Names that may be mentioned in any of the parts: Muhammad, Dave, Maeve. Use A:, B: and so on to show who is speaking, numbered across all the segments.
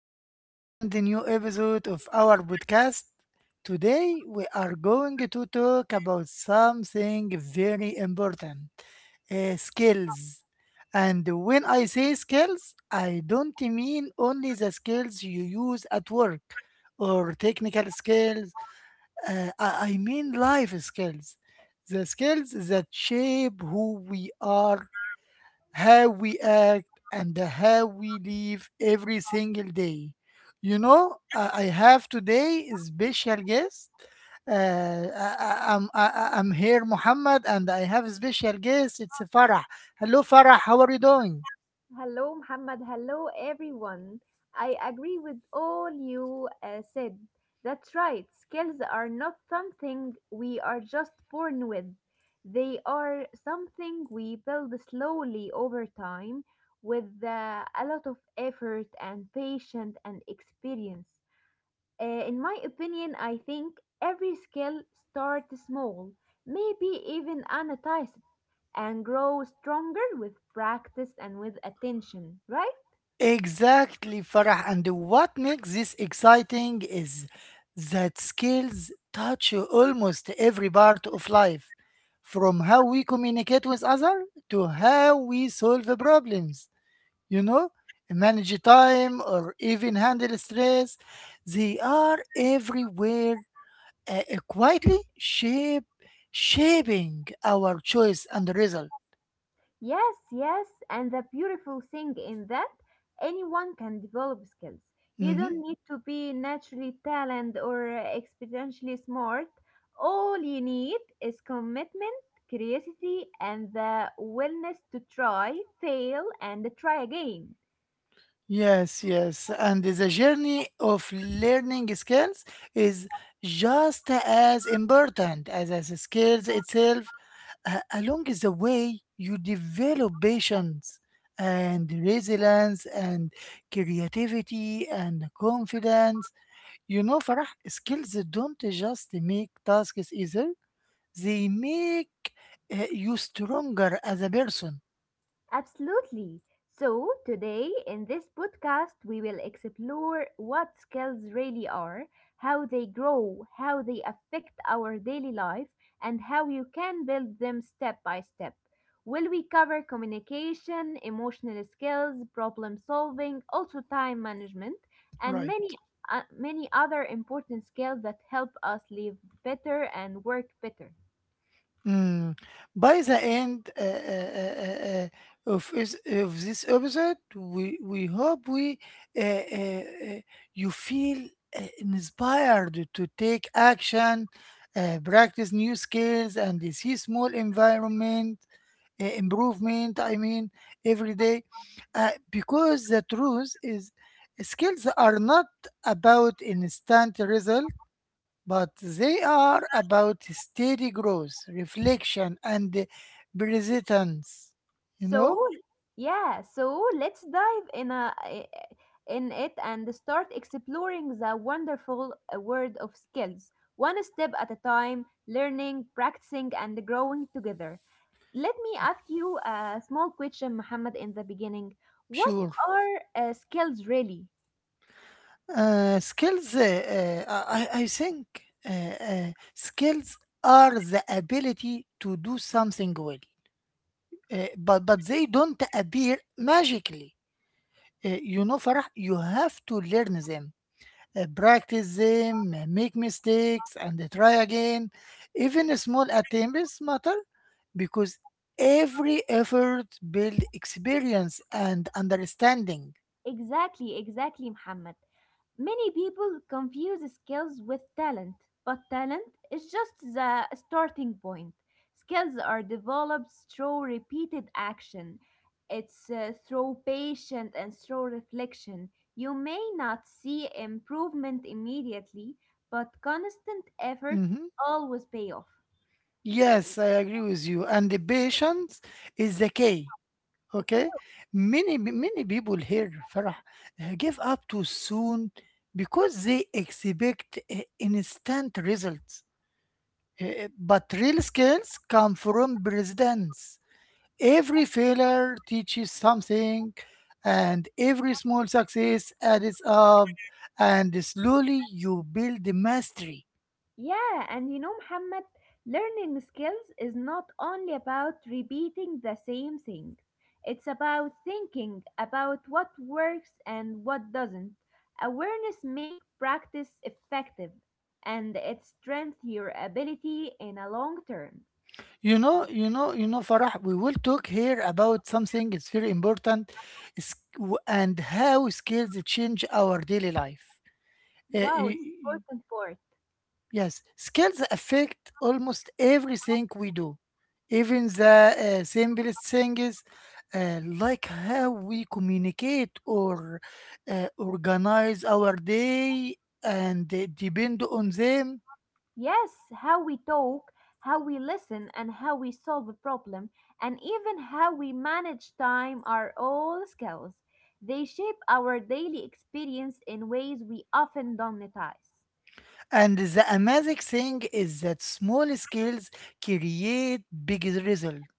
A: to a brand new episode of our podcast. Today, we are going to talk about something very important, skills. And when I say skills, I don't mean only the skills you use at work or technical skills. I mean life skills. The skills that shape who we are, how we act, and how we live every single day. You know, I have today a special guest. I'm here, Muhammad, and I have a special guest. It's Farah. Hello, Farah. How are you doing?
B: Hello, Muhammad. Hello, everyone. I agree with all you said. That's right. Skills are not something we are just born with. They are something we build slowly over time with a lot of effort and patience and experience. In my opinion, I think every skill starts small, maybe even annotated and grow stronger with practice and with attention, right?
A: Exactly, Farah. And what makes this exciting is that skills touch almost every part of life, from how we communicate with others to how we solve problems, you know, manage time, or even handle stress. They are everywhere, uh, uh, quietly shape, shaping our choice and result.
B: Yes, yes. And the beautiful thing in that, anyone can develop skills. You
A: Mhm.
B: don't need to be naturally talented or exponentially smart. All you need is commitment, curiosity, and the willingness to try, fail, and try again.
A: Yes, yes. And the journey of learning skills is just as important as the skills itself. Along the way, you develop patience and resilience and creativity and confidence. You know, Farah, skills don't just make tasks easier, they make you stronger as a person.
B: Absolutely. So, today in this podcast, we will explore what skills really are, how they grow, how they affect our daily life, and how you can build them step by step. Will we cover communication, emotional skills, problem solving, also time management, and many
A: Right.
B: uh, many other important skills that help us live better and work better.
A: Mm. By the end of this episode, we hope we uh, uh, uh, you feel inspired to take action, practice new skills, and see small environment improvement, I mean, every day, because the truth is skills are not about instant result, but they are about steady growth, reflection, and persistence you
B: So,
A: know
B: yeah, so let's dive in a I- in it and start exploring the wonderful world of skills, one step at a time, learning, practicing, and growing together. Let me ask you a small question, Muhammad, in the beginning. What
A: sure.
B: are skills really?
A: I think skills are the ability to do something well, but they don't appear magically. You know, Farah, you have to learn them, practice them, make mistakes, and try again. Even small attempts matter because every effort builds experience and understanding.
B: Exactly, exactly, Muhammad. Many people confuse skills with talent, but talent is just the starting point. Skills are developed through repeated action. It's through patience and through reflection. You may not see improvement immediately, but constant effort
A: Mhm.
B: always pay off.
A: Yes, I agree with you. And the patience is the key.
B: Of
A: Okay, many people here, Farah, give up too soon because they expect instant results. But real skills come from precedence. Every failure teaches something, and every small success adds up, and slowly you build the mastery.
B: yeah, and you know, Muhammad, learning skills is not only about repeating the same things. It's about thinking about what works and what doesn't. Awareness make practice effective and it strengthens your ability in a long term.
A: You know, Farah, we will talk here about something, it's very important is- and how skills change our daily life. Eh,
B: Wow,
A: eh,
B: it's important part.
A: Yes, skills affect almost everything we do, even the simplest things, like how we communicate or organize our day, and depend on them.
B: Yes, how we talk, how we listen, and how we solve a problem, and even how we manage time are all skills. They shape our daily experience in ways we often don't notice.
A: And the amazing thing is that small skills create big result.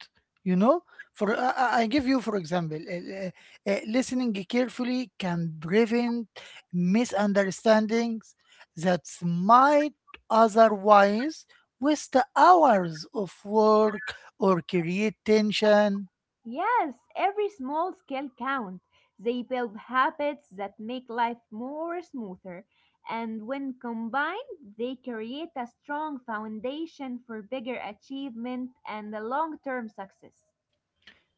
A: You know, for I give you, for example, listening carefully can prevent misunderstandings that might otherwise waste hours of work or create tension.
B: Yes, every small skill counts. They build habits that make life more smoother, and when combined, they create a strong foundation for bigger achievement and long term success.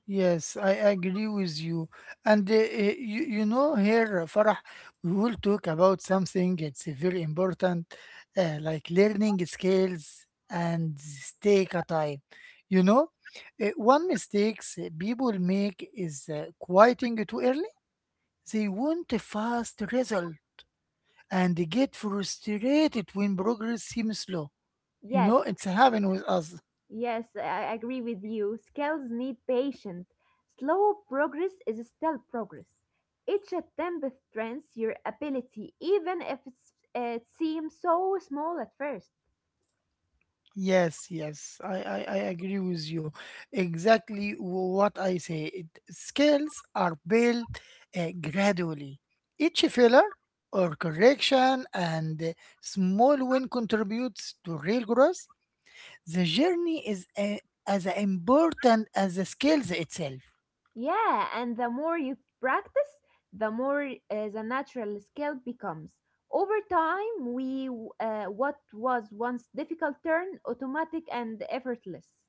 A: Yes, I agree with you. And you know, here, Farah, we will talk about something, it's very important, like learning skills and take a time. You know, one mistakes people make is quieting too early. They want a fast result and they get frustrated when progress seems slow. You know,
B: Yes,
A: it's happening with us.
B: yes, I agree with you. Skills need patience. Slow progress is still progress. Each attempt strengthens your ability, even if it seems so small at first.
A: Yes, yes, I agree with you. Exactly what I say. Skills are built gradually. Each filler or correction, and small win contributes to real growth. The journey is as important as the skills itself.
B: Yeah, and the more you practice, the more the natural skill becomes. Over time, we what was once difficult turn automatic and effortless.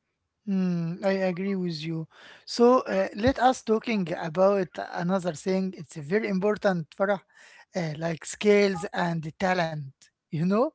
A: Mm, I agree with you. So let us talking about another thing. It's very important for like skills and talent. You know,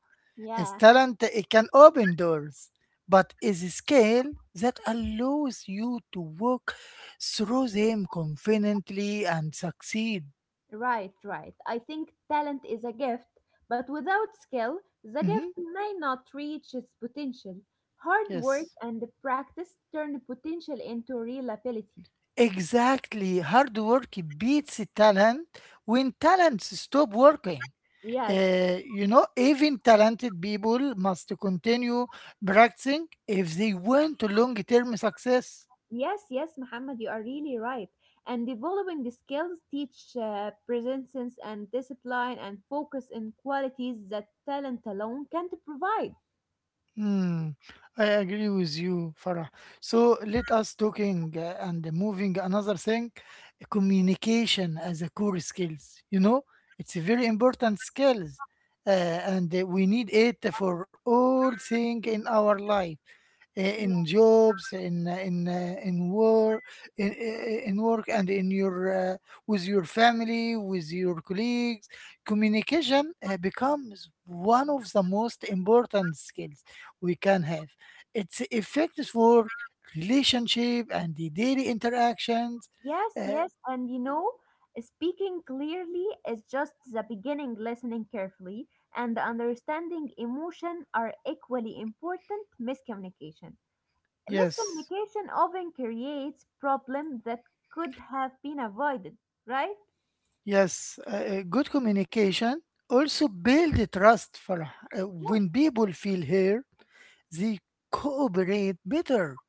A: it's
B: Yeah.
A: talent, it can open doors, but is a skill that allows you to walk through them confidently and succeed.
B: Right, right. I think talent is a gift, but without skill, the gift
A: Mhm.
B: may not reach its potential. Hard work
A: Yes.
B: and practice turn potential into real ability.
A: Exactly. Hard work beats talent when talents stop working.
B: Yes,
A: You know, even talented people must continue practicing if they want to long-term success.
B: yes, yes, Muhammad, you are really right. And developing the skills teach presence and discipline and focus in qualities that talent alone can't provide.
A: Hmm, I agree with you, Farah. So let us talking and moving another thing, communication as a core skills. You know, it's a very important skills, and we need it for all thing in our life. In jobs, in work, and in your, uh, with your family, with your colleagues, communication becomes one of the most important skills we can have. It's affects work, relationship, and the daily interactions.
B: Yes,
A: Uh,
B: yes, and you know, speaking clearly is just the beginning. Listening carefully and understanding emotion are equally important. Miscommunication.
A: yes,
B: Miscommunication often creates problems that could have been avoided, right?
A: yes, good communication also build the trust for
B: Of course.
A: when people feel here, they cooperate better,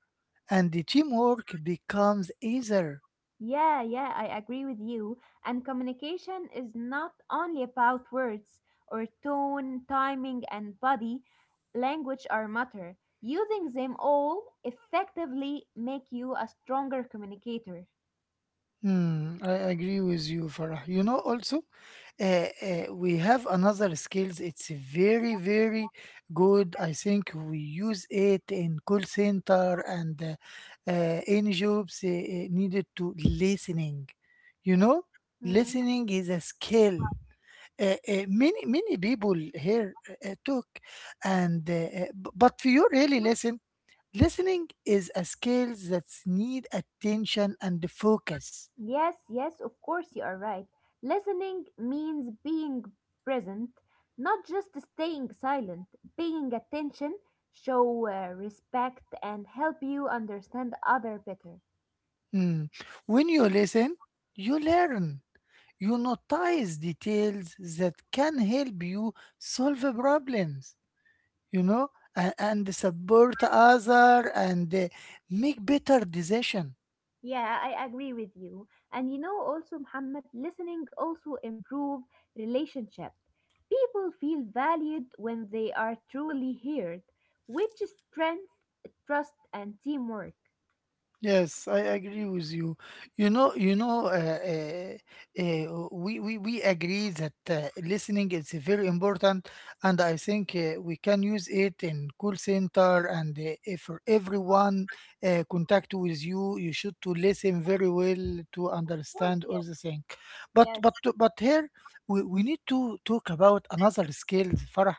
A: and the teamwork becomes easier.
B: Yeah, yeah, I agree with you. And communication is not only about words or tone, timing, and body language are matter. Using them all effectively make you a stronger communicator.
A: Hmm, I agree with you, Farah. You know, also, we have another skills. It's very, very good. I think we use it in call center and any jobs needed to listening. You know,
B: Mm.
A: listening is a skill. Many people here took and but you really listen. Listening is a skill that needs attention and focus.
B: Yes, yes, of course you are right. Listening means being present, not just staying silent. Paying attention show respect and help you understand other better.
A: Mm. When you listen, you learn. You notice details that can help you solve problems, you know, and support other and make better decision.
B: Yeah, I agree with you. And you know also Muhammad, listening also improve relationship. People feel valued when they are truly heard, which is strength, trust and teamwork.
A: Yes, I agree with you. You know, we agree that listening is very important, and I think we can use it in call center, and if for everyone contact with you. You should to listen very well to
B: Course,
A: understand
B: yes,
A: all the thing. But
B: yes.
A: but but here, we need to talk about another skill, Farah,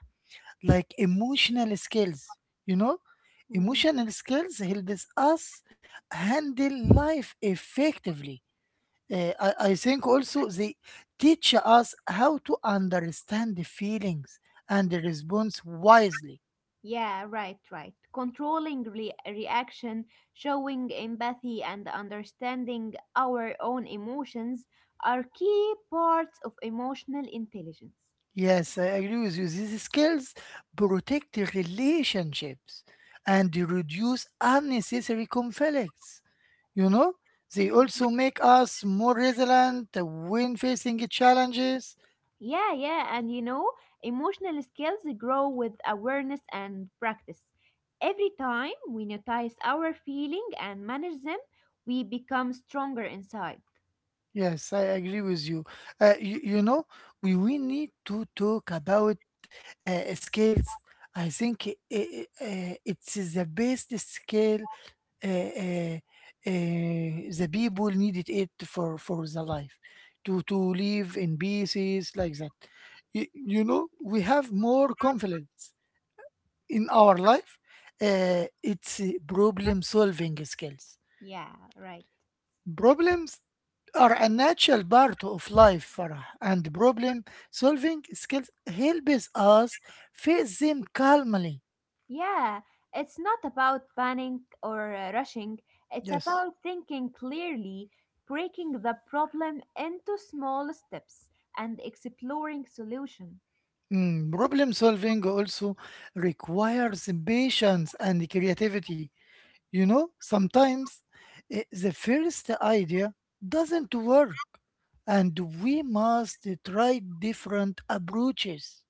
A: like emotional skills you know
B: Mm.
A: Emotional skills helps us handle life effectively. I think also they teach us how to understand the feelings and the response wisely.
B: Yeah, right, right. Controlling reaction, showing empathy, and understanding our own emotions are key parts of emotional intelligence.
A: Yes, I agree with you. These skills protect the relationships, and they reduce unnecessary conflicts. you know they also make us more resilient when facing challenges.
B: Yeah, yeah, and you know, emotional skills grow with awareness and practice. Every time we notice our feeling and manage them, we become stronger inside.
A: Yes, I agree with you. You know, we need to talk about skills. I think it's the best skill, uh, uh, uh, the people needed it for the life, to live in pieces like that. You know, we have more confidence in our life. It's problem solving skills.
B: Yeah, right.
A: Problems are a natural part of life, Farah, and problem solving skills helps us face them calmly.
B: Yeah, it's not about panic or rushing. It's
A: Yes.
B: about thinking clearly, breaking the problem into small steps, and exploring solutions.
A: Mm, problem solving also requires patience and creativity. You know, sometimes the first idea doesn't work, and we must try different approaches.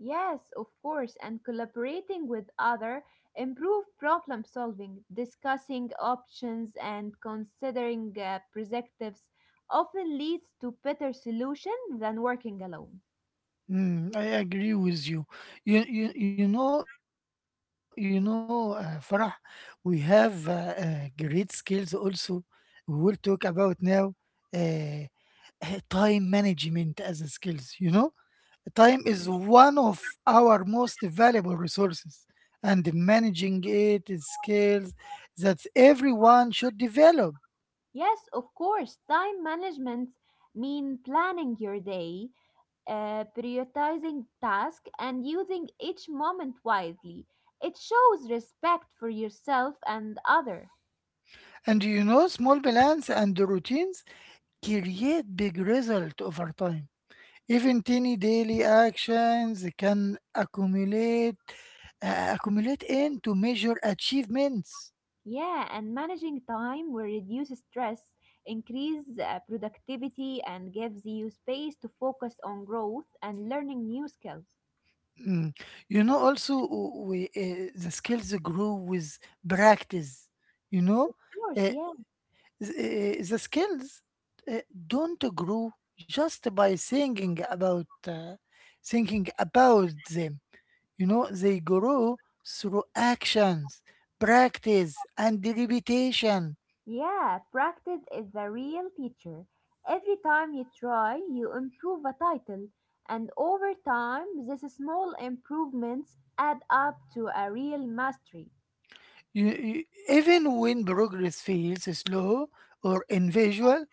B: Yes, of course, and collaborating with other improve problem solving, discussing options and considering perspectives often leads to better solution than working alone.
A: Mm, I agree with you. You know, Farah, we have great skills also. We will talk about now uh, time management as a skills. You know, time is
B: Mm.
A: one of our most valuable resources, and managing it is skills that everyone should develop.
B: Yes, of course. Time management mean planning your day, prioritizing tasks, and using each moment wisely. It shows respect for yourself and other.
A: And you know, small balance and routines create big result over time. Even tiny daily actions can accumulate into major achievements.
B: Yeah, and managing time will reduce stress, increase productivity, and gives you space to focus on growth and learning new skills. Of
A: Mm. You know, also the skills grow with practice. You know,
B: course,
A: uh,
B: yeah.
A: the skills uh, don't grow just by thinking about them. You know, they grow through actions, practice, and repetition.
B: Yeah, practice is the real teacher. Every time you try, you improve a title, and over time, these small improvements add up to a real mastery.
A: Even when progress feels slow or invisual,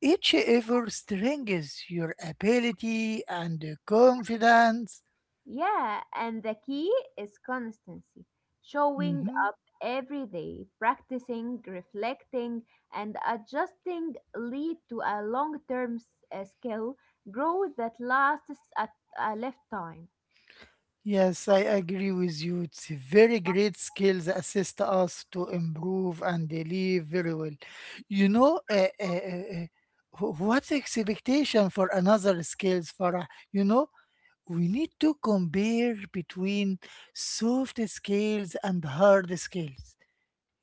A: each effort strengthens your ability and confidence.
B: Yeah, and the key is consistency. Showing
A: Mhm.
B: up every day, practicing, reflecting, and adjusting lead to a long term skill growth that lasts a lifetime.
A: Yes, I agree with you. It's a very great skills assist us to improve and they live very well. You know, what expectation for another skills, Farah? You know, we need to compare between soft skills and hard skills.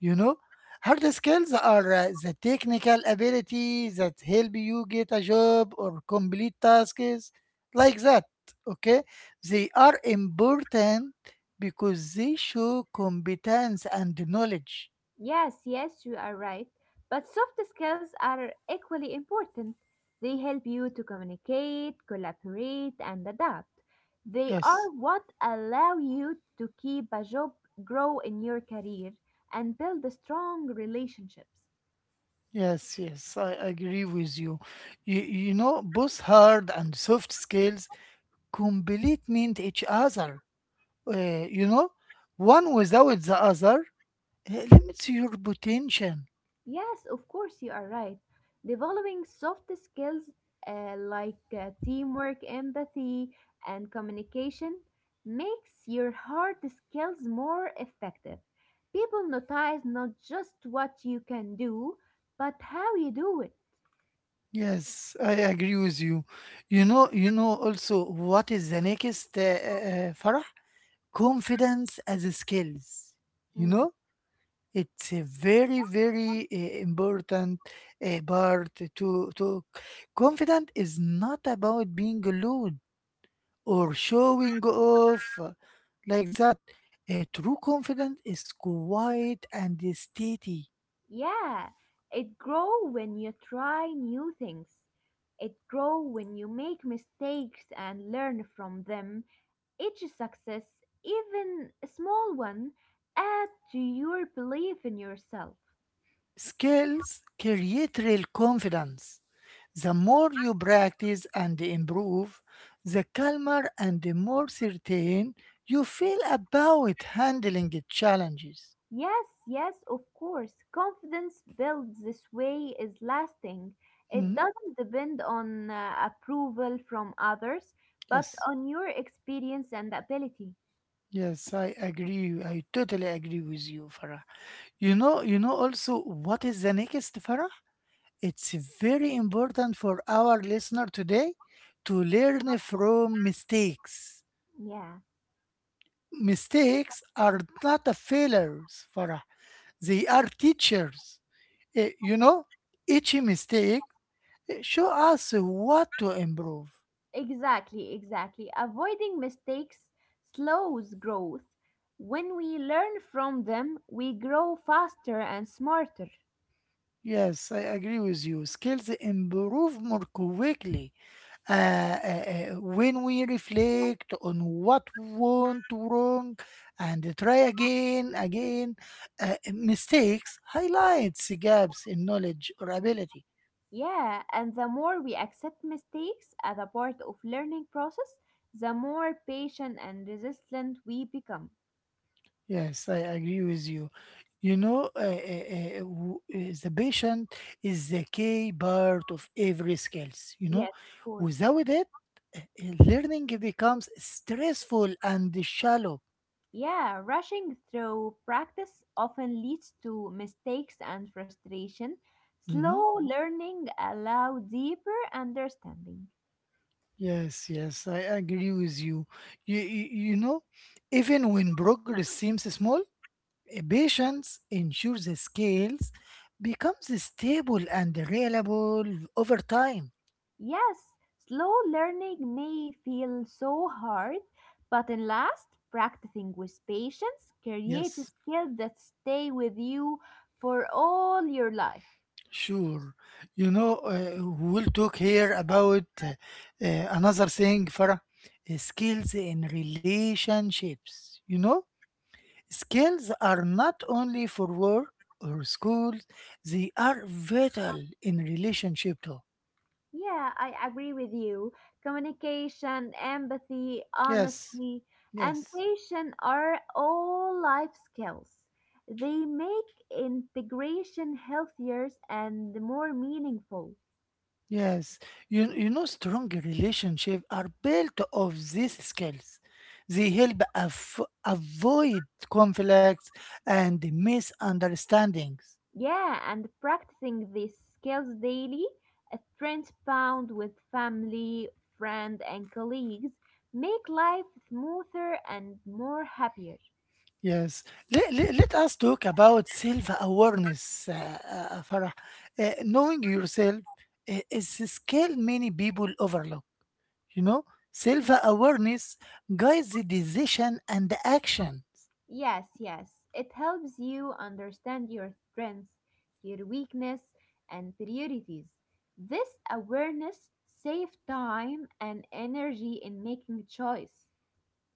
A: You know, hard skills are the technical abilities that help you get a job or complete tasks like that. Okay, they are important because they show competence and knowledge.
B: Yes, yes, you are right. But soft skills are equally important. They help you to communicate, collaborate, and adapt. They are
A: Yes,
B: what allow you to keep a job, grow in your career, and build strong relationships.
A: yes, yes, I agree with you. You know, both hard and soft skills complement each other. You know, one without the other limits your potential.
B: Yes, of course, you are right. Developing soft skills like teamwork, empathy, and communication makes your hard skills more effective. People notice not just what you can do, but how you do it.
A: Yes, I agree with you. You know, also, what is the next Farah? Confidence as a skills. You
B: Mm.
A: know, it's a very, very important part to. Confident is not about being alone or showing off like that. True confidence is quiet and steady.
B: Yeah, it grows when you try new things. It grows when you make mistakes and learn from them. Each success, even a small one, add to your belief in yourself.
A: Skills create real confidence. The more you practice and improve, the calmer and the more certain you feel about handling the challenges.
B: Yes, yes, of course. Confidence built this way is lasting. It
A: Mhm.
B: doesn't depend on approval from others, but
A: Yes.
B: on your experience and ability.
A: Yes, I agree. I totally agree with you, Farah. You know, also, what is the next, Farah? It's very important for our listener today to learn from mistakes.
B: Yeah,
A: Mistakes are not a failures, Farah. They are teachers. You know, each mistake show us what to improve.
B: exactly, exactly. Avoiding mistakes slows growth. When we learn from them, we grow faster and smarter.
A: Yes, I agree with you. Skills improve more quickly when we reflect on what went wrong and try again. Mistakes highlights gaps in knowledge or ability.
B: Yeah, and the more we accept mistakes as a part of learning process, the more patient and resilient we become.
A: Yes, I agree with you. You know, the patient is the key part of every skills. You know,
B: Yes, of course.
A: without it, learning becomes stressful and shallow.
B: Yeah, rushing through practice often leads to mistakes and frustration.
A: Mhm.
B: Slow learning allows deeper understanding.
A: Yes, yes, I agree with you. You. You know, even when progress seems small, patience ensures the scales becomes stable and reliable over time.
B: Yes, slow learning may feel so hard, but in last, practicing with patience
A: Yes.
B: creates skills that stay with you for all your life.
A: Sure. You know, we'll talk here about another thing for skills in relationships. You know, skills are not only for work or schools, they are vital in relationship too.
B: Yeah, I agree with you. Communication, empathy,
A: Yes.
B: honesty, and
A: Yes.
B: patience are all life skills. They make integration healthier and more meaningful.
A: Yes. You know, strong relationships are built of these skills. They help avoid conflicts and misunderstandings.
B: Yeah, and practicing these skills daily, a transpound with family, friend, and colleagues, make life smoother and more happier.
A: Yes. Let us talk about self awareness, Farah. Knowing yourself is a skill many people overlook. You know, self awareness guides the decision and the action.
B: Yes, yes, it helps you understand your strengths, your weakness, and priorities. This awareness saves time and energy in making choice.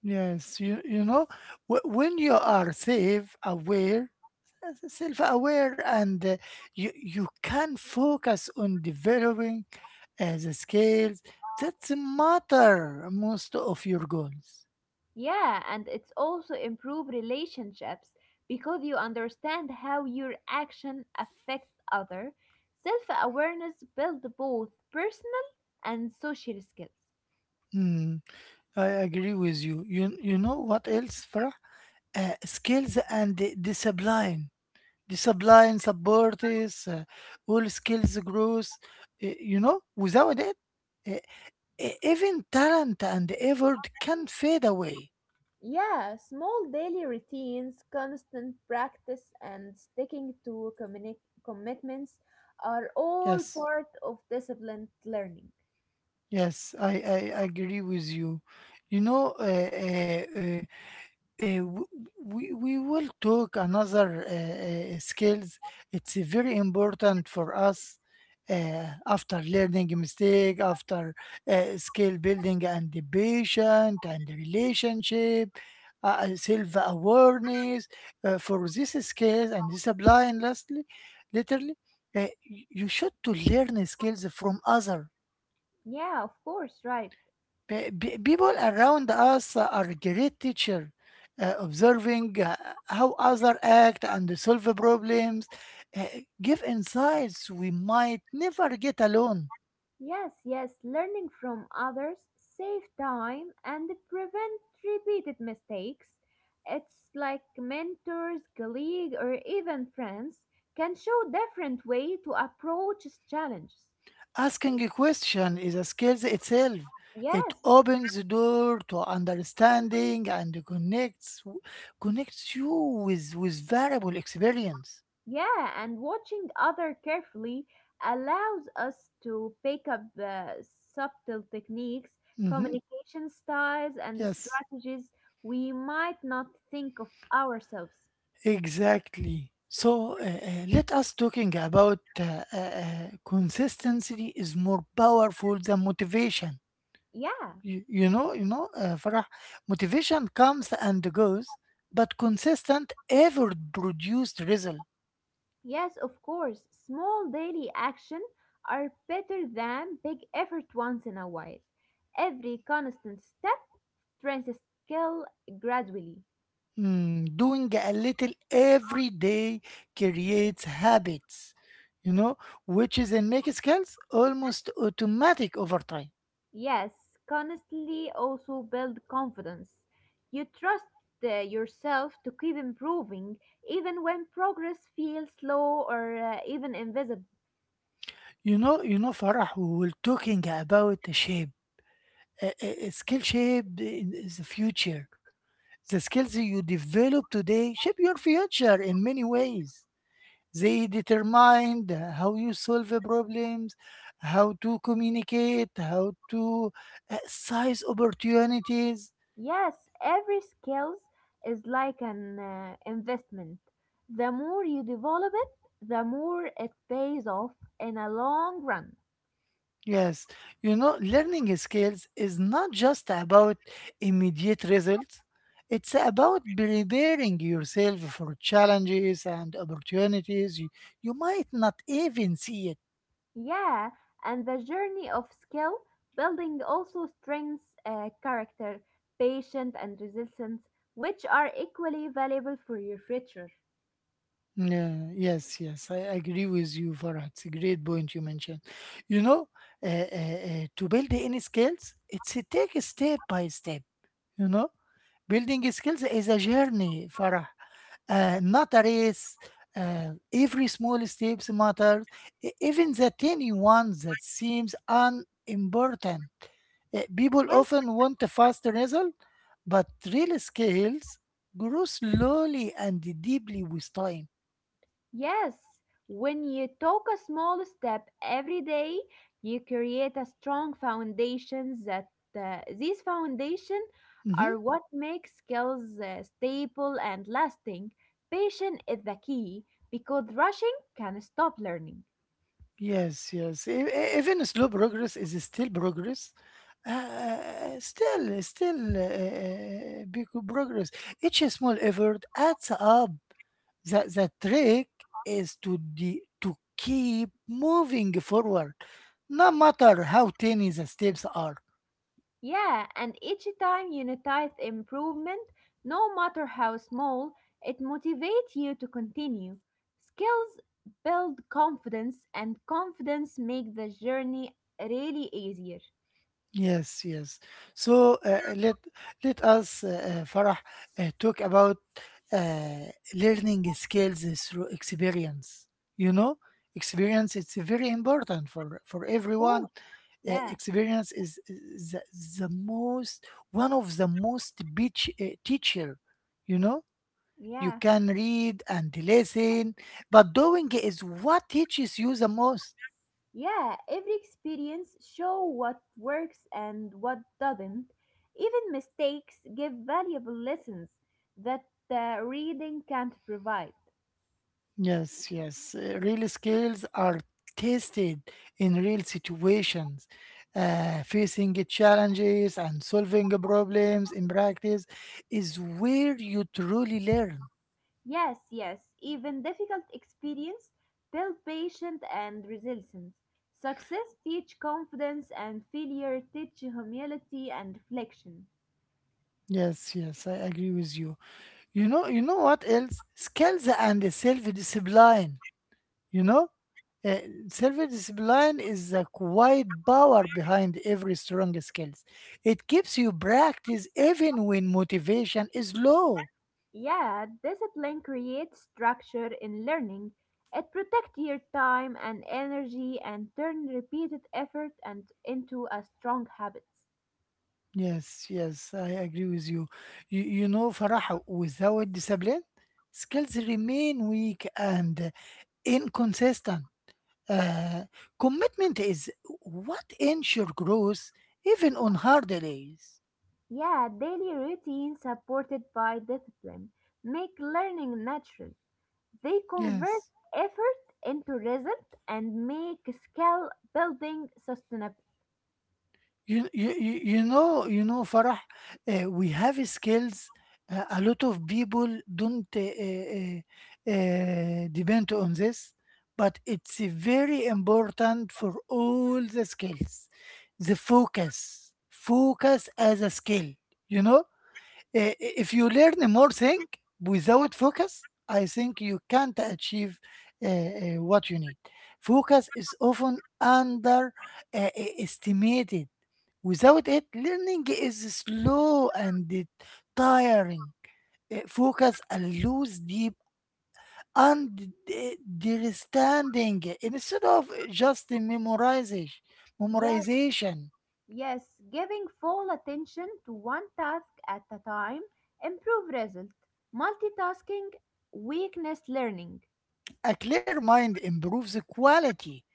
A: Yes, you know, when you are self aware, and you can focus on developing the skills that matter most of your goals.
B: Yeah, and it's also improve relationships because you understand how your action affect other. Self-awareness build both personal and social skills.
A: Hmm. I agree with you. You know what else, Farah? Skills and discipline. Discipline support uh, all skills growth. You know, without it, uh, even talent and effort can fade away.
B: Yeah, small daily routines, constant practice, and sticking to commitments are all
A: Yes,
B: part of disciplined learning.
A: yes, I agree with you. You know, Uh, w- we will talk another skills. It's very important for us after learning mistake, after skill building and the patient and the relationship, self awareness. For this skills and discipline, lastly, literally, you should to learn skills from other.
B: Yeah, of course, right.
A: People around us are great teacher, observing how others act and solve problems, uh, give insights we might never get alone.
B: Yes, yes, learning from others save time and prevent repeated mistakes. It's like mentors, colleague, or even friends can show different way to approach challenges.
A: Asking a question is a skill itself. It
B: Yes,
A: opens the door to understanding and connects you with valuable experience.
B: yeah, and watching other carefully allows us to pick up subtle techniques,
A: Mhm.
B: communication styles, and
A: Yes.
B: strategies we might not think of ourselves.
A: Exactly. So let us talking about consistency is more powerful than motivation.
B: Yeah.
A: You know, Farah, motivation comes and goes, but consistent effort produced result.
B: Yes, of course, small daily action are better than big effort once in a while. Every constant step strengthens a skill gradually.
A: Mm, doing a little every day creates habits, you know, which is in make skills almost automatic over time.
B: Yes, constantly also build confidence. You trust yourself to keep improving even when progress feels slow or even invisible.
A: You know, Farah, we were talking about shapes. A skill shaped in is the future. The skills you develop today shape your future in many ways. They determine how you solve the problems, how to communicate, how to size opportunities.
B: Yes, every skills is like an investment. The more you develop it, the more it pays off in a long run.
A: Yes, you know, learning skills is not just about immediate results. It's about preparing yourself for challenges and opportunities you might not even see.
B: Yeah, and the journey of skill building also strengths character, patience, and resilience, which are equally valuable for your future.
A: Yeah, yes, yes, I agree with you, Farhat. It's a great point you mentioned. You know, to build any skills, it's a take step by step. You know, building skills is a journey, Farah, not a race. Every small steps matters, even the tiny ones that seems unimportant. People
B: Yes.
A: often want a fast result, but real skills grow slowly and deeply with time.
B: Yes, when you take a small step every day, you create a strong foundation that these foundation
A: Mm-hmm.
B: are what make skills stable and lasting. Patience is the key because rushing can stop learning.
A: Yes, yes. Even slow progress is still progress. Uh, uh, still, still big progress. Each small effort adds up. The trick is to to keep moving forward, no matter how tiny the steps are.
B: Yeah, and each time you notice improvement, no matter how small, it motivates you to continue. Skills build confidence, and confidence make the journey really easier.
A: Yes, yes. So Farah, talk about uh, learning skills through experience. You know, experience it's very important for
B: Of course,
A: everyone.
B: yeah,
A: Experience is the most one of the most beach teacher. You know, you
B: yeah.
A: can read and listen, but doing is what teaches you the most.
B: Yeah, every experience show what works and what doesn't. Even mistakes give valuable lessons that reading can't provide.
A: Yes, yes. Real skills are tested in real situations, facing challenges and solving problems in practice is where you truly learn.
B: Yes, yes, even difficult experience build patience and resilience. Success teach confidence and failure teach humility and reflection.
A: Yes, yes, I agree with you. You know what else? Skills and self-discipline. You know, uh, self-discipline is the quiet power behind every strong skills. It keeps you practice even when motivation is low.
B: Yeah, discipline creates structure in learning. It protects your time and energy and turn repeated effort and into a strong habit.
A: Yes, yes, I agree with you. You know, Farah, without discipline, skills remain weak and inconsistent. Uh, Commitment is what ensure growth even on hard days.
B: Yeah, daily routine supported by discipline make learning natural. They convert
A: Yes.
B: effort into result and make skill building sustainable.
A: You know, Farah, we have skills. A lot of people don't depend on this, but it's very important for all the skills. The focus as a skill. You know, Uh, if you learn more thing without focus, I think you can't achieve what you need. Focus is often under estimated. Without it, learning is slow and tiring. Focus and lose deep understanding instead of just memorization.
B: Yes,
A: Memorization.
B: yes, giving full attention to one task at a time improve result. Multitasking weakness learning.
A: A clear mind improves the quality.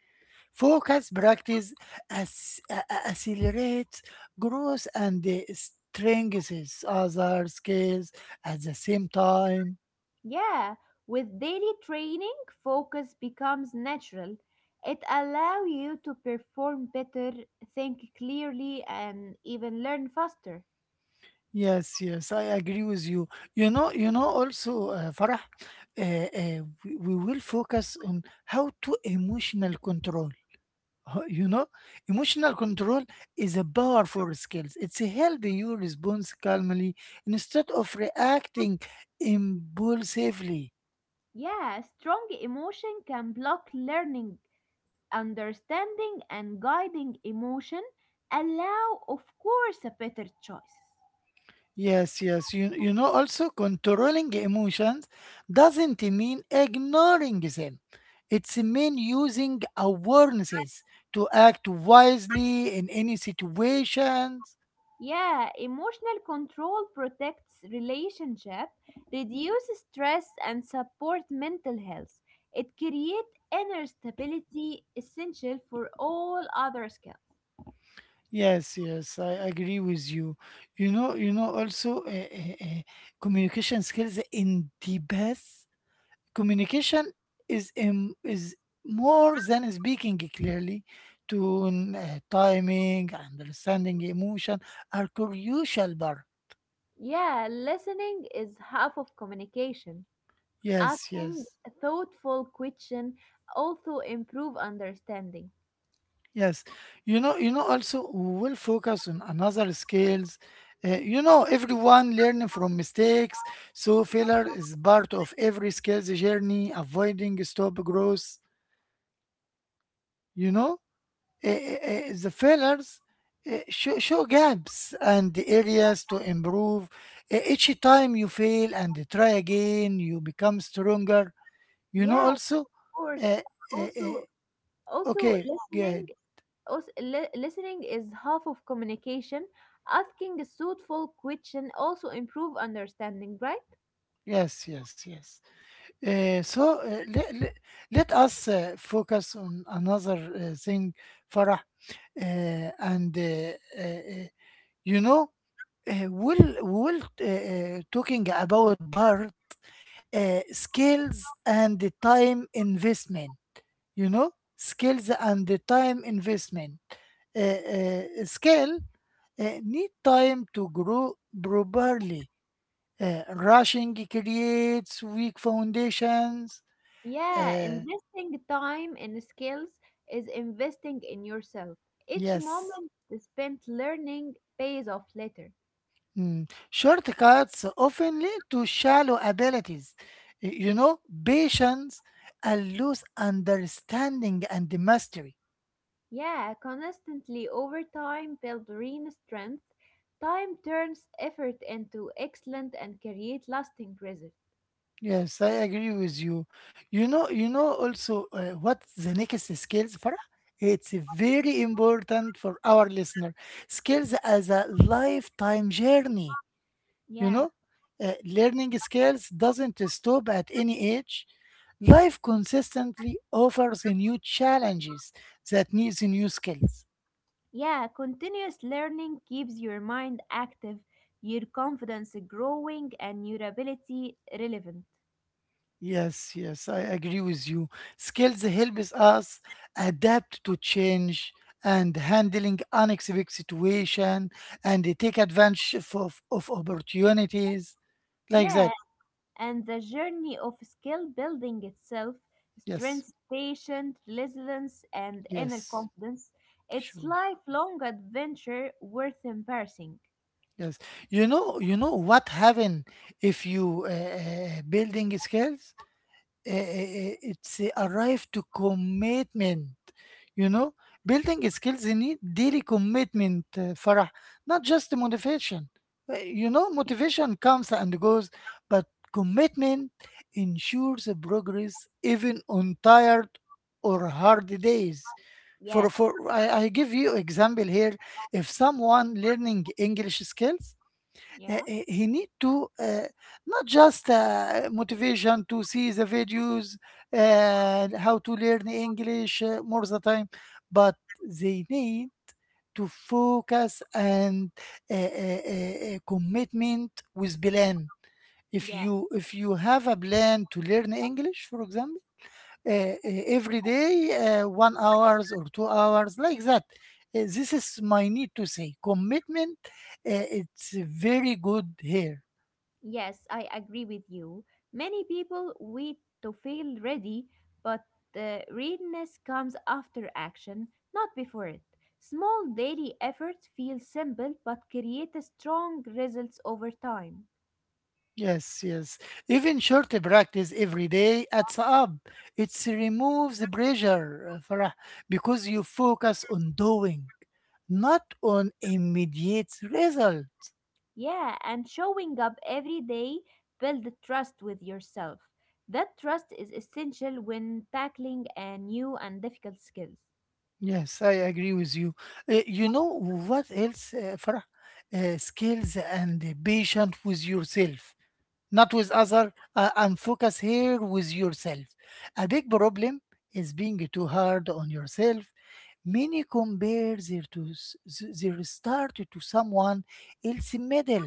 A: Focus practice accelerates growth and strengthens other skills at the same time.
B: Yeah, with daily training focus becomes natural. It allow you to perform better, think clearly and even learn faster.
A: Yes, yes, I agree with you. You know also, Farah, we will focus on how to emotional control. You know, emotional control is a powerful skill. It's helping you respond calmly instead of reacting impulsively.
B: Yeah, strong emotion can block learning understanding and guiding emotion allow of course a better choice.
A: Yes, yes. You know, also controlling emotions doesn't mean ignoring them. It's mean using awarenesses to act wisely in any situations.
B: Yeah, emotional control protects relationship, reduces stress and support mental health. It creates inner stability essential for all other skills.
A: Yes, yes, I agree with you. You know, also communication skills in the best. Communication is more than speaking clearly. Tone, timing, understanding emotion are crucial. Bar,
B: Yeah, listening is half of communication.
A: yes,
B: Asking
A: yes,
B: thoughtful question also improve understanding.
A: yes. You know. Also, we will focus on another skills. You know, everyone learn from mistakes, so failure is part of every skills journey. Avoiding stop growth. You know. The fillers show gaps and the areas to improve. Each time you fail and try again, you become stronger. You know,
B: Yeah, of
A: also,
B: course.
A: uh, uh,
B: also
A: uh,
B: also
A: okay,
B: listening.
A: good.
B: Listening is half of communication. Asking a thoughtful question also improve understanding, right?
A: Yes, yes, yes. So let us focus on another thing, Farah. And uh, uh, you know, we'll talking about bird. Skills and the time investment, you know, skills and the time investment. Skill need time to grow properly. Rushing creates weak foundations.
B: Yeah,
A: Uh,
B: investing time and skills is investing in yourself. Each
A: yes.
B: moment spent learning pays off later.
A: Mm. Shortcuts often lead to shallow abilities. You know, patience and loose understanding and mastery.
B: Yeah, constantly over time build real strength. Time turns effort into excellent and create lasting results.
A: Yes, I agree with you. You know also what the next skills for? It's very important for our listener. Skills as a lifetime journey, you
B: Yeah.
A: know? Learning skills doesn't stop at any age. Life consistently offers new challenges that needs new skills.
B: Yeah, continuous learning keeps your mind active, your confidence growing, and your ability relevant.
A: Yes, yes, I agree with you. Skills helps us adapt to change and handling unexpected situation and they take advantage of opportunities like
B: Yeah,
A: that.
B: and the journey of skill building itself,
A: Yes,
B: strength, patience, resilience, and inner
A: yes,
B: confidence, it's
A: sure.
B: lifelong adventure worth embracing.
A: Yes, you know what happen if you building skills. It's a arrive to commitment, you know, building skills need daily commitment farah, not just the motivation. You know motivation comes and goes but commitment ensures a progress even on tired or hard days.
B: Yes.
A: For I give you example here. If someone learning english skills uh,
B: Yeah.
A: he he need to not just motivation to see the videos how to learn english more the time, but they need to focus and commitment with plan. If
B: Yeah.
A: you if you have a plan to learn english for example uh, uh, every day 1 hour or 2 hours like that. This is my need to say commitment it's very good here.
B: Yes, I agree with you. Many people wait to feel ready, but readiness comes after action, not before it. Small daily efforts feel simple but create a strong results over time.
A: Yes, yes. Even short practice every day adds up. It removes the pressure, Farah, because you focus on doing, not on immediate results.
B: Yeah, and showing up every day build trust with yourself. That trust is essential when tackling a new and difficult skills.
A: Yes, I agree with you. You know what else, Farah? Skills and patient with yourself, not with other, and focus here with yourself. A big problem is being too hard on yourself. Many compare their to their start to someone else's medal.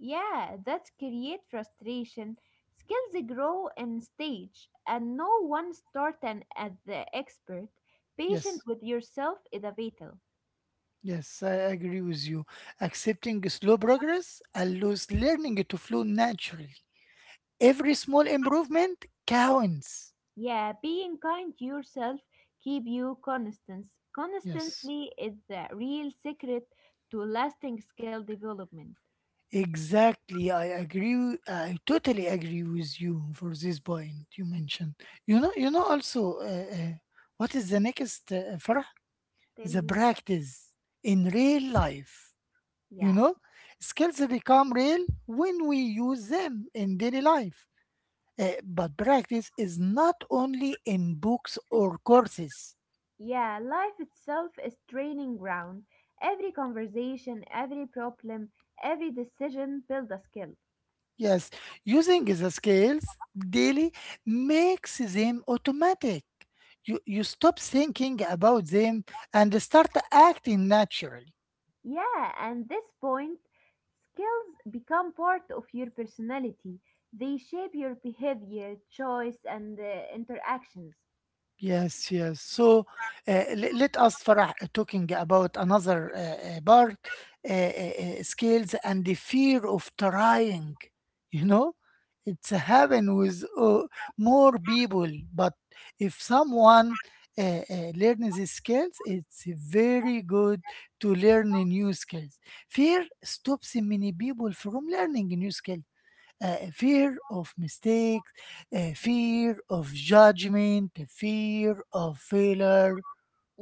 B: Yeah, that create frustration. Skills grow in stage, and no one start an as the expert. Patient
A: Yes,
B: with yourself is a vital.
A: yes, I agree with you. Accepting slow progress allows learning to flow naturally. Every small improvement counts.
B: Yeah, being kind to yourself keep you constant.
A: Yes.
B: Constantly is the real secret to lasting skill development.
A: Exactly, I agree. I totally agree with you for this point you mentioned. You know. Also, what is the next for
B: Tell
A: the
B: me.
A: practice in real life? You
B: Yeah.
A: know, skills become real when we use them in daily life. But practice is not only in books or courses.
B: Yeah, life itself is training ground. Every conversation, every problem, every decision build a skill.
A: Yes, using the scales daily makes them automatic. You stop thinking about them and start acting naturally.
B: Yeah, and this point, skills become part of your personality. They shape your behavior, choice, and interactions.
A: Yes, yes. So let us, Farah, talking about another part, uh, uh, skills and the fear of trying. You know, it's happen with more people, but if someone uh, learns these skills, it's very good to learn new skills. Fear stops many people from learning new skills, fear of mistakes, fear of judgment, fear of failure.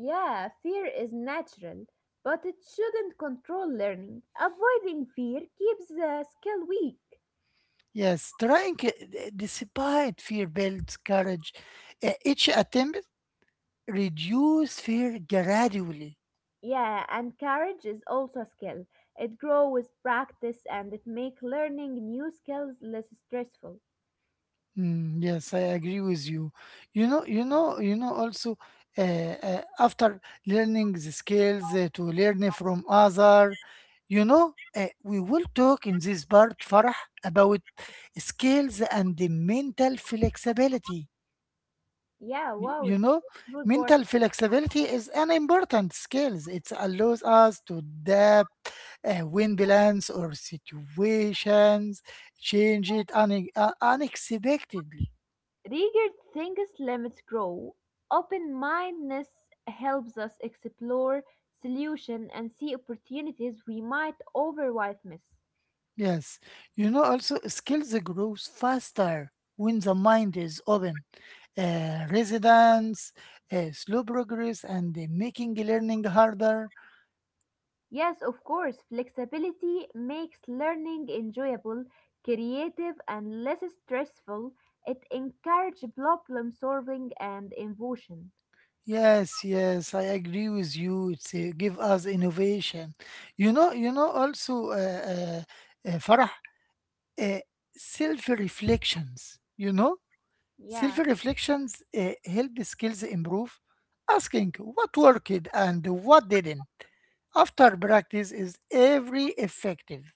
B: Yeah, fear is natural, but it shouldn't control learning. Avoiding fear keeps the skill weak.
A: Yes, trying despite fear builds courage. Each attempt reduce fear gradually.
B: Yeah, and courage is also a skill. It grows with practice and it makes learning new skills less stressful.
A: Mm, yes, I agree with you. You know. Also, after learning the skills to learn from other, you know, we will talk in this part, Farah, about skills and the mental flexibility.
B: Yeah, wow,
A: You
B: it's
A: know,
B: a good point.
A: mental flexibility is an important skill. It allows us to adapt, win balance or situations, change it unexpectedly.
B: Rigid things limits grow. Open mindedness helps us explore solutions and see opportunities we might otherwise miss.
A: Yes, you know, also skills grows faster when the mind is open. Resilience, slow progress, and making learning harder.
B: Yes, of course, flexibility makes learning enjoyable, creative, and less stressful. It encourages problem solving and innovation.
A: Yes, yes, I agree with you. It's give us innovation. You know, also, Farah, uh, self reflections. You know, self
B: Yeah.
A: reflections help the skills improve. Asking what worked and what didn't after practice is every effective.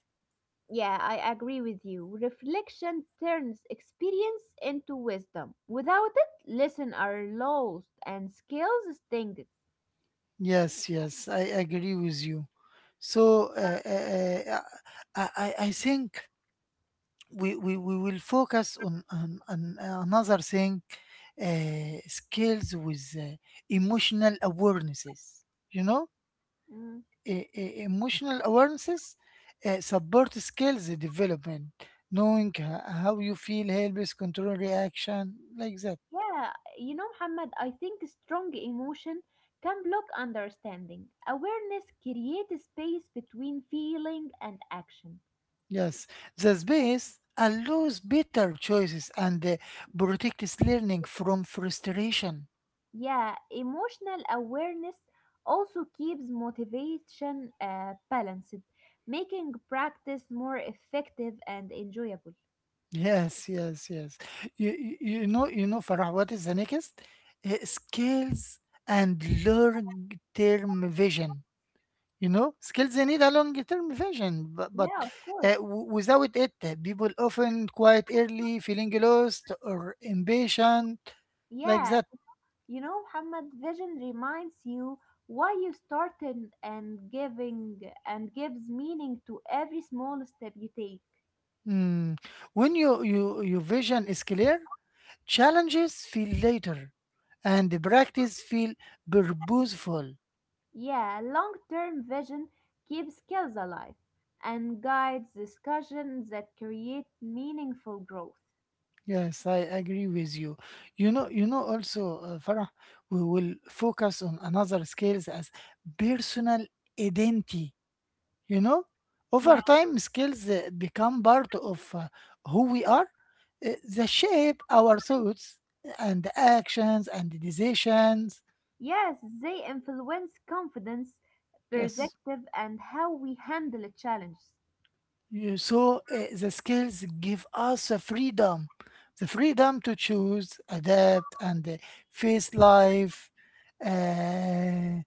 B: Yeah, I agree with you. Reflection turns experience into wisdom. Without it, lessons are lost and skills stinged.
A: Yes, yes, I agree with you. So uh, uh, I think we will focus on another thing, skills with emotional awarenesses. You know,
B: Mm.
A: Emotional awarenesses support skills development, knowing how you feel helps control reaction, like that.
B: Yeah, you know, Muhammad, I think strong emotion can block understanding. Awareness creates space between feeling and action.
A: Yes, the space allows better choices and protects learning from frustration.
B: Yeah, emotional awareness also keeps motivation balanced, making practice more effective and enjoyable.
A: Yes, yes, yes. You know, Farah, what is the next? Skills and long-term vision. You know, skills they need a long-term vision, but
B: Yeah, of course.
A: without it, people often quite early feeling lost or impatient, like
B: Yeah,
A: that.
B: you know, Muhammad, vision reminds you why you started and giving and gives meaning to every small step you take.
A: Mm. When your vision is clear, challenges feel later, and the practice feel purposeful.
B: Yeah, long-term vision keeps skills alive and guides discussions that create meaningful growth.
A: Yes, I agree with you. You know, you know. Also, Farah, we will focus on another skills as personal identity. You know,
B: Yeah.
A: over time, skills become part of who we are. They shape our thoughts and actions and decisions.
B: Yes, they influence confidence,
A: Yes.
B: perspective, and how we handle challenges.
A: You saw the skills give us a freedom, the freedom to choose, adapt, and face life uh,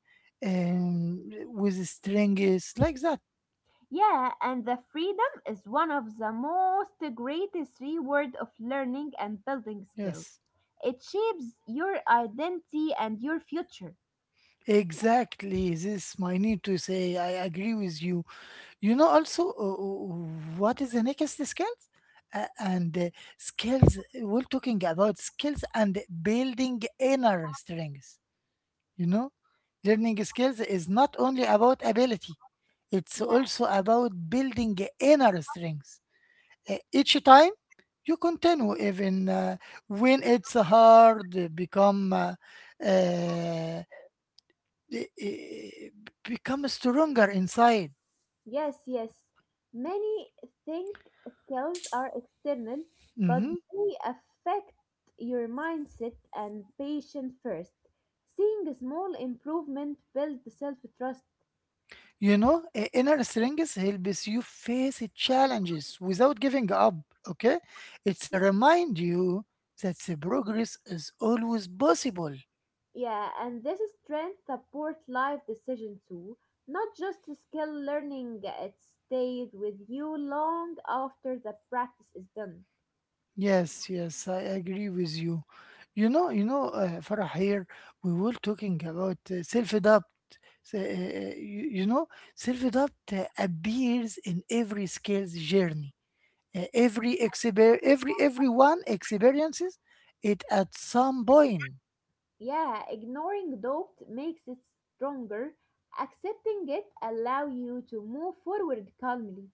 A: with strings, like that.
B: Yeah, and the freedom is one of the most greatest reward of learning and building skills.
A: Yes,
B: It shapes your identity and your future.
A: exactly. This I need to say. I agree with you. You know, also, what is the next skills? And skills. We're talking about skills and building inner strength. You know, learning skills is not only about ability, it's
B: Yeah,
A: also about building inner strengths. Each time you continue, even when it's hard, uh, e- e- become stronger inside.
B: yes, yes. Many think skills are external, but
A: Mhm.
B: they affect your mindset and patience first. Seeing a small improvement builds self trust.
A: You know, inner strength helps you face challenges without giving up. Okay, it's a remind you that the progress is always possible.
B: Yeah, and this strength support life decision too, not just skill learning. It stays with you long after the practice is done.
A: Yes, yes, I agree with you. You know, Farah here, we were talking about self-doubt. So, you know, self-doubt appears in every skills journey. Everyone experiences it at some point.
B: Yeah, ignoring doubt makes it stronger. Accepting it allow you to move forward calmly.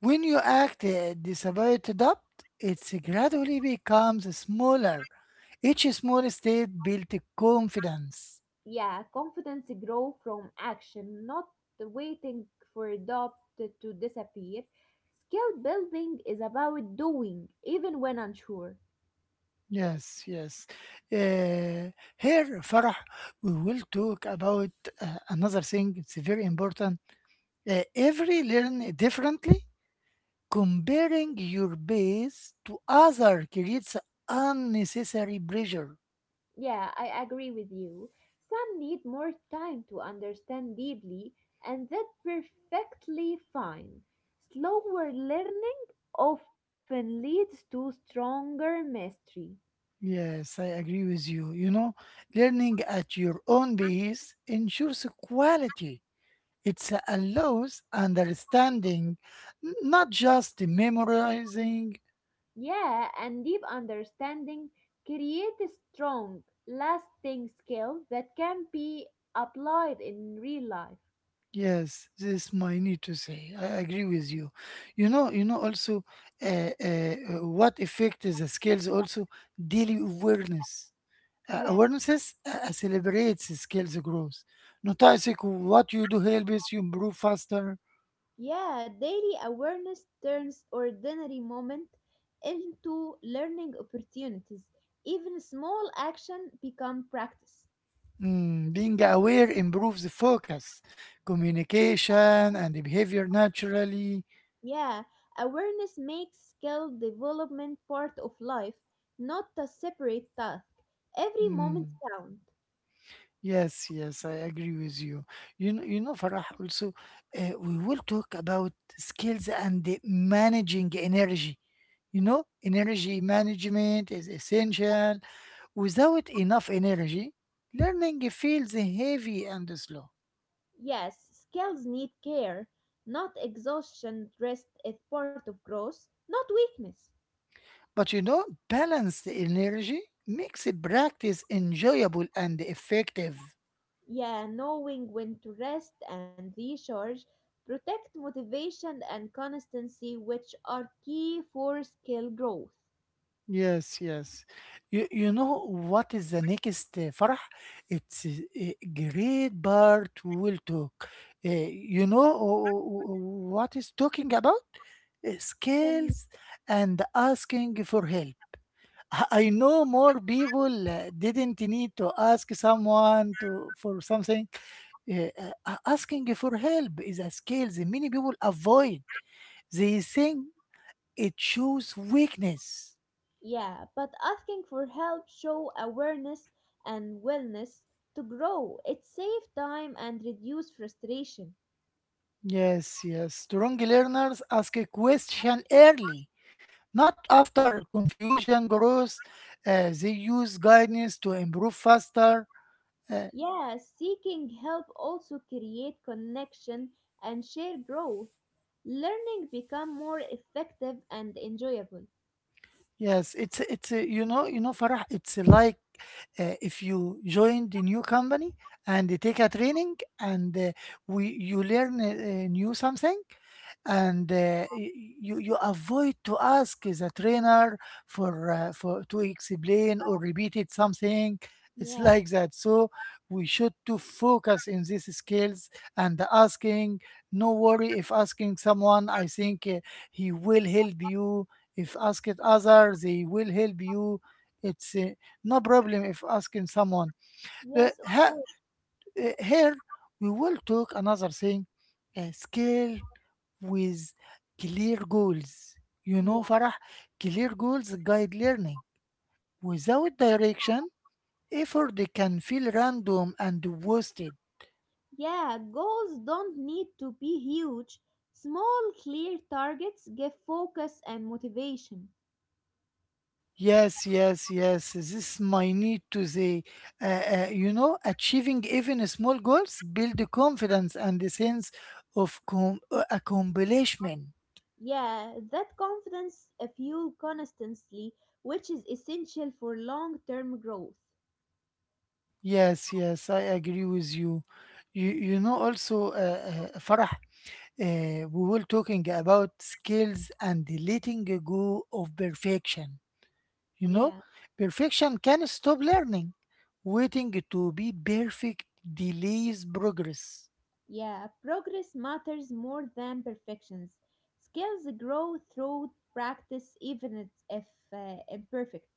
A: When you act despite doubt, it gradually becomes smaller. Each small step builds confidence.
B: Yeah, confidence grow from action, not waiting for doubt to disappear. Skill building is about doing, even when unsure.
A: Yes, yes. Uh, here, Farah, we will talk about another thing. It's very important. Every learn differently. Comparing your base to other creates unnecessary pressure.
B: Yeah, I agree with you. Some need more time to understand deeply, and that's perfectly fine. Slower learning often leads to stronger mastery.
A: Yes, I agree with you. You know, learning at your own pace ensures quality. It allows understanding, not just memorizing.
B: Yeah, and deep understanding creates strong, lasting skills that can be applied in real life.
A: Yes, this is my need to say. I agree with you. You know, you know, also, uh, what effect is the skills also daily awareness. Uh,
B: Yeah.
A: awarenesses celebrates the skills growth. Noticing what you do helps you improve faster.
B: Yeah, daily awareness turns ordinary moment into learning opportunities. Even small action become practice.
A: Being aware improves the focus, communication, and the behavior naturally.
B: Yeah, awareness makes skill development part of life, not a separate task. Every moment
A: Mm.
B: counts.
A: Yes, yes, I agree with you. You know, Farah, also, we will talk about skills and the managing energy. You know, energy management is essential. Without enough energy, learning feels heavy and slow.
B: Yes, skills need care, not exhaustion. Rest is part of growth, not weakness.
A: But you know, balanced energy makes a practice enjoyable and effective.
B: Yeah, knowing when to rest and recharge protect motivation and consistency, which are key for skill growth.
A: Yes, yes. You know what is the next, Farah? It's a great part we'll talk. You know what is talking about? Uh,
B: Um,
A: Skills and asking for help. I know more people didn't need to ask someone to for something. Uh, uh, asking for help is a skill that many people avoid. They think it shows weakness.
B: Yeah, but asking for help show awareness and willingness to grow. It saves time and reduce frustration.
A: Yes, yes. Strong learners ask a question early, not after confusion grows. They use guidance to improve faster. Uh,
B: Yeah, seeking help also create connection and share growth. Learning become more effective and enjoyable.
A: yes, it's you know, Farah. It's like if you join the new company and they take a training, and we you learn new something, and you avoid to ask the trainer for to explain or repeated something, it's
B: Yeah.
A: like that. So we should to focus in these skills and asking. No worry if asking someone, I think he will help you. If ask it others, they will help you. It's no problem if asking someone. Uh,
B: Yes, of
A: he-
B: course.
A: here we will talk another thing, a skill with clear goals. You know,
B: Yeah.
A: Farah, clear goals guide learning. Without direction, effort can feel random and wasted.
B: Yeah, goals don't need to be huge. Small, clear targets give focus and motivation.
A: Yes, yes, yes. This my need to say. You know, achieving even small goals build the confidence and a sense of accomplishment.
B: Yeah, that confidence fuel constantly, which is essential for long term growth.
A: Yes, yes, I agree with you. You know, also, Farah, we were talking about skills and the letting go of perfection. You know,
B: Yeah,
A: perfection can stop learning. Waiting to be perfect delays progress.
B: yeah, progress matters more than perfections. Skills grow through practice, if imperfect.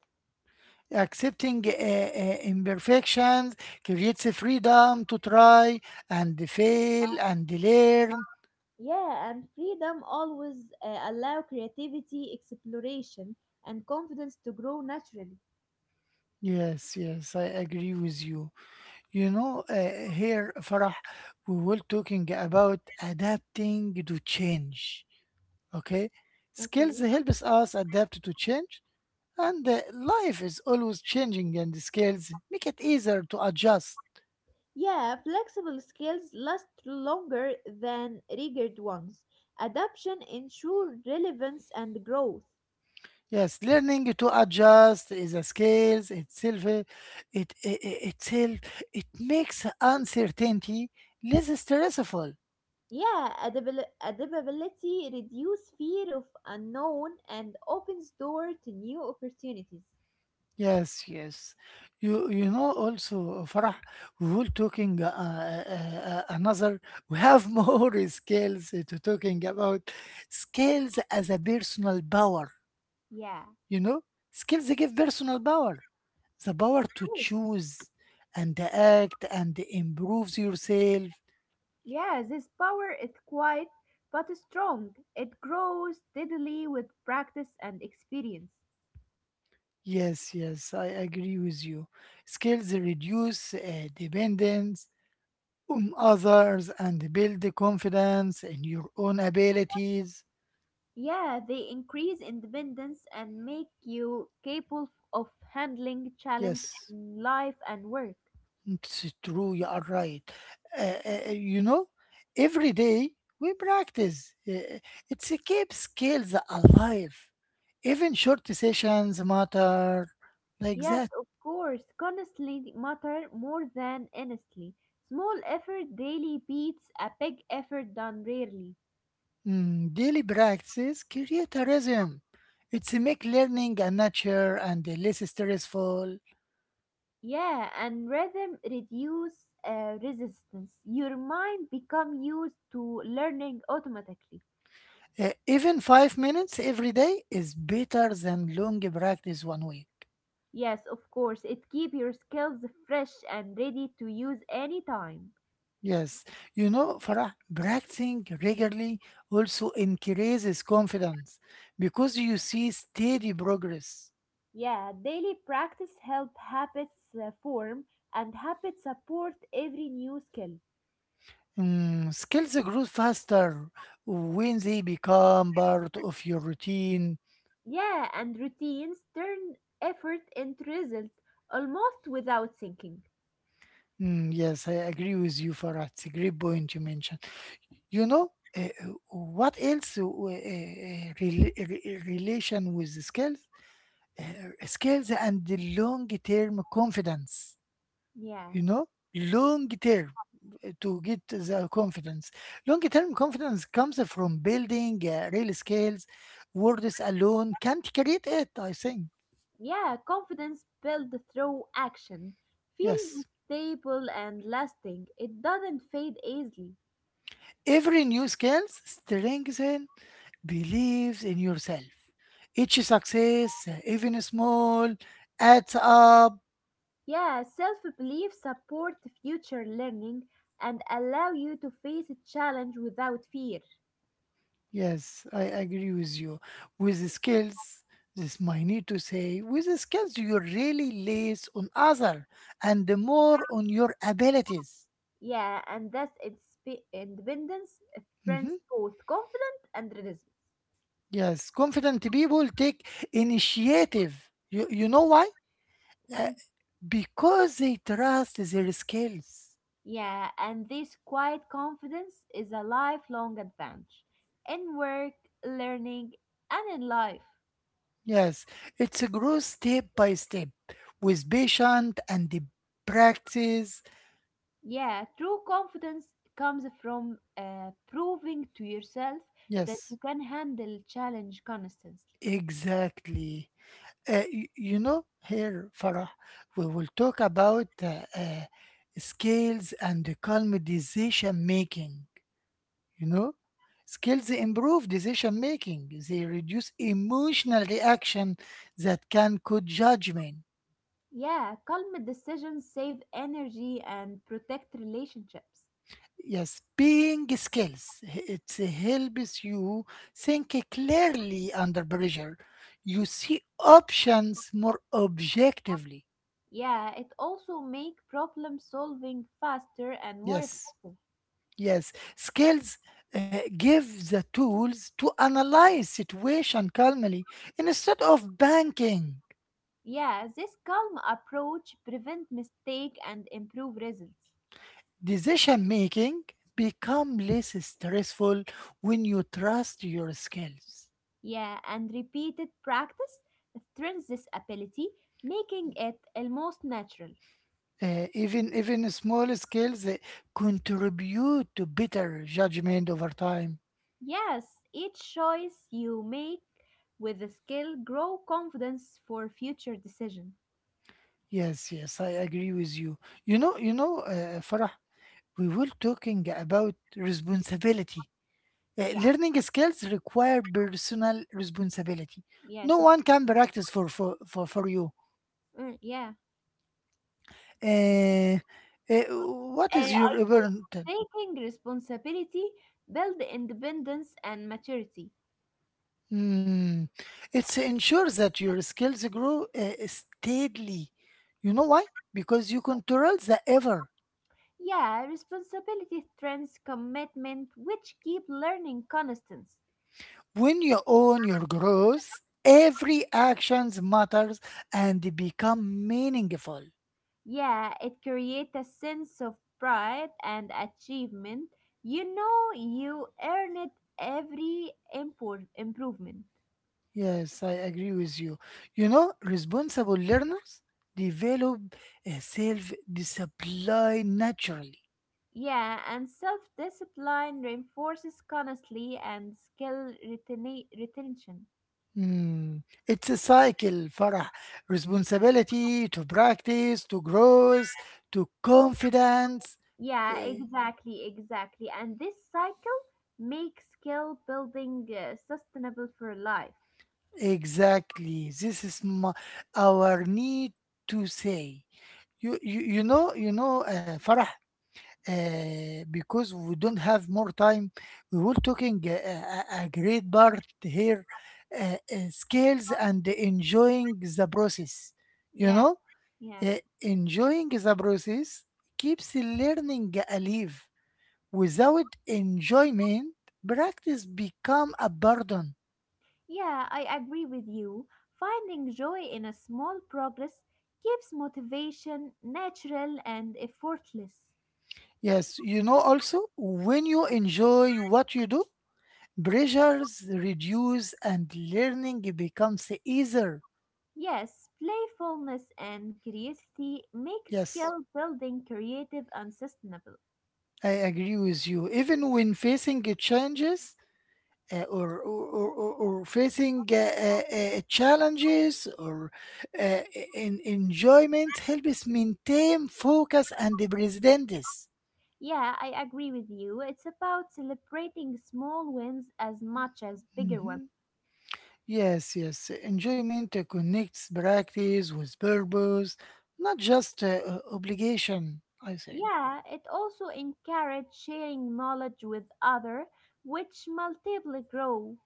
A: Accepting imperfections creates a freedom to try and fail and learn.
B: Yeah, and freedom always allow creativity, exploration, and confidence to grow naturally.
A: Yes, yes, I agree with you. You know, here, Farah, we were talking about adapting to change. Okay, skills
B: Okay.
A: helps us adapt to change, and life is always changing, and skills make it easier to adjust.
B: Yeah, flexible skills last longer than rigid ones. Adaption ensures relevance and growth.
A: Yes, learning to adjust is a skill itself. It, it, it itself it makes uncertainty less stressful.
B: Yeah, adaptability reduces fear of unknown and opens door to new opportunities.
A: Yes, yes. You know, also, Farah, we will talking another. We have more skills to talking about skills as a personal power.
B: Yeah.
A: You know, skills give personal power, the power to
B: Yes.
A: choose and act and improve yourself.
B: Yeah, this power is quiet but strong. It grows steadily with practice and experience.
A: Yes, yes, I agree with you. Skills reduce dependence on others and build confidence in your own abilities.
B: Yeah, they increase independence and make you capable of handling challenge
A: Yes.
B: in life and work.
A: It's true, you are right. You know, every day we practice. It's a skills alive. Even short sessions matter, like
B: Yes,
A: that.
B: of course, constantly matter more than honestly. Small effort daily beats a big effort done rarely.
A: Daily practices create a rhythm. It's make learning a nature and less stressful.
B: Yeah, and rhythm reduce resistance. Your mind become used to learning automatically.
A: Even 5 minutes every day is better than long practice one week.
B: Yes, of course, it keep your skills fresh and ready to use anytime.
A: Yes, you know, Farah, practicing regularly also increases confidence because you see steady progress.
B: Yeah, daily practice help habits form and habits support every new skill.
A: Skills grow faster when they become part of your routine.
B: Yeah, and routines turn effort into result almost without thinking.
A: Mm, yes, I agree with you, Farah. It's a great point you mentioned. You know, uh, what else relation with the skills? Skills and the long-term confidence.
B: Yeah.
A: You know, long term uh, to get the confidence long term confidence comes from building real skills. Words alone can't create it, I think.
B: Yeah, confidence built through action feels
A: Yes,
B: stable and lasting. It doesn't fade easily.
A: every new skills strengthen believes in yourself. Each success, even small, adds up.
B: Yeah, self-belief support future learning and allow you to face a challenge without fear.
A: Yes, I agree with you. With the skills, this might need to say, with the skills you really less on other and more on your abilities.
B: Yeah, and thus independence
A: Mhm.
B: trends both confident and reticent.
A: Yes, confident people take initiative. You know why? Uh,
B: Why?
A: because they trust their skills.
B: Yeah, and this quiet confidence is a lifelong advantage in work, learning, and in life.
A: Yes, it's a growth step by step with patient and the practice.
B: Yeah, true confidence comes from proving to yourself that you
A: Yes,
B: can handle challenge constantly.
A: exactly. You know, here, Farah, we will talk about skills and the calm decision making. You know, skills improve decision making, they reduce emotional reaction that can cause judgment.
B: Yeah, calm decisions save energy and protect relationships.
A: Yes, being skills, it helps you think clearly under pressure. You see options more objectively.
B: Yeah, it also make problem solving faster and more
A: Yes.
B: effective.
A: Yes, skills give the tools to analyze situation calmly instead of banking.
B: Yeah, this calm approach prevent mistake and improve results.
A: Decision making become less stressful when you trust your skills.
B: Yeah, and repeated practice strengthens this ability, making it almost natural.
A: Even small skills contribute to better judgment over time.
B: Yes, each choice you make with the skill grow confidence for future decision.
A: Yes, yes, I agree with you. You know, Farah, we were talking about responsibility. Uh,
B: Yeah,
A: learning skills require personal responsibility.
B: yeah,
A: No
B: so
A: one can practice for you.
B: mm, yeah.
A: Uh, uh, what
B: I
A: is your burden?
B: think taking responsibility build independence and maturity.
A: Hmm. It ensures that your skills grow steadily. You know why? Because you control the ever.
B: Yeah, responsibility trends commitment which keep learning constant.
A: When you own your growth, every actions matters and become meaningful.
B: Yeah, it creates a sense of pride and achievement. You know you earn it improvement.
A: Yes, I agree with you. You know, responsible learners develop a self discipline naturally.
B: Yeah, and self-discipline reinforces constantly and retention.
A: Hmm, it's a cycle, Farah. Responsibility to practice, to growth, to confidence.
B: Yeah,
A: Eh,
B: exactly, exactly. And this cycle makes skill building sustainable for life.
A: Exactly. This is my, our need to say. You know, Farah, because we don't have more time, we will talking a great part here, skills and enjoying the process, you
B: Yeah,
A: know.
B: yeah.
A: Enjoying the process keeps learning alive. Without enjoyment, practice become a burden.
B: Yeah, I agree with you. Finding joy in a small progress keeps motivation natural and effortless.
A: Yes, you know, also when you enjoy what you do, pressures reduce and learning becomes easier.
B: Yes, playfulness and curiosity make
A: Yes,
B: skill building creative and sustainable.
A: I agree with you. Even when facing challenges, or facing challenges or uh, in enjoyment helps maintain focus and the presence.
B: Yeah, I agree with you. It's about celebrating small wins as much as bigger ones.
A: Mhm. Yes, yes. Enjoyment connects practice with purpose, not just obligation, I say.
B: Yeah, it also encourages sharing knowledge with others, which multiply grow.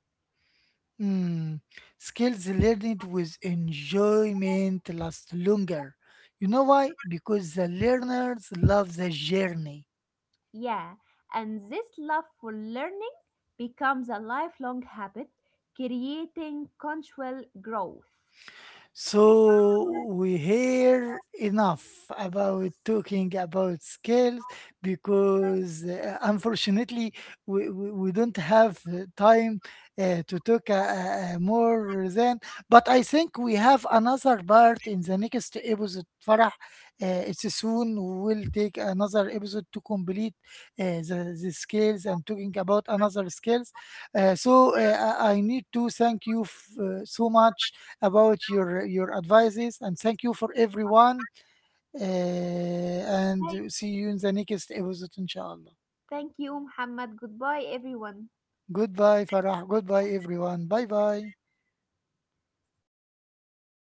A: Mm, skills learned with enjoyment last longer. You know why? Because the learners love the journey.
B: Yeah, and this love for learning becomes a lifelong habit, creating continual growth.
A: So we hear enough about talking about skills, because unfortunately we don't have time to talk more than, but I think we have another part in the next episode, Farah. It's soon, we'll take another episode to complete the skills and talking about another skills. So, I need to thank you so much about your advices, and thank you for everyone, and see you in the next episode, inshallah.
B: Thank you, Muhammad. Goodbye, everyone.
A: Goodbye, Farah. Goodbye, everyone. Bye bye.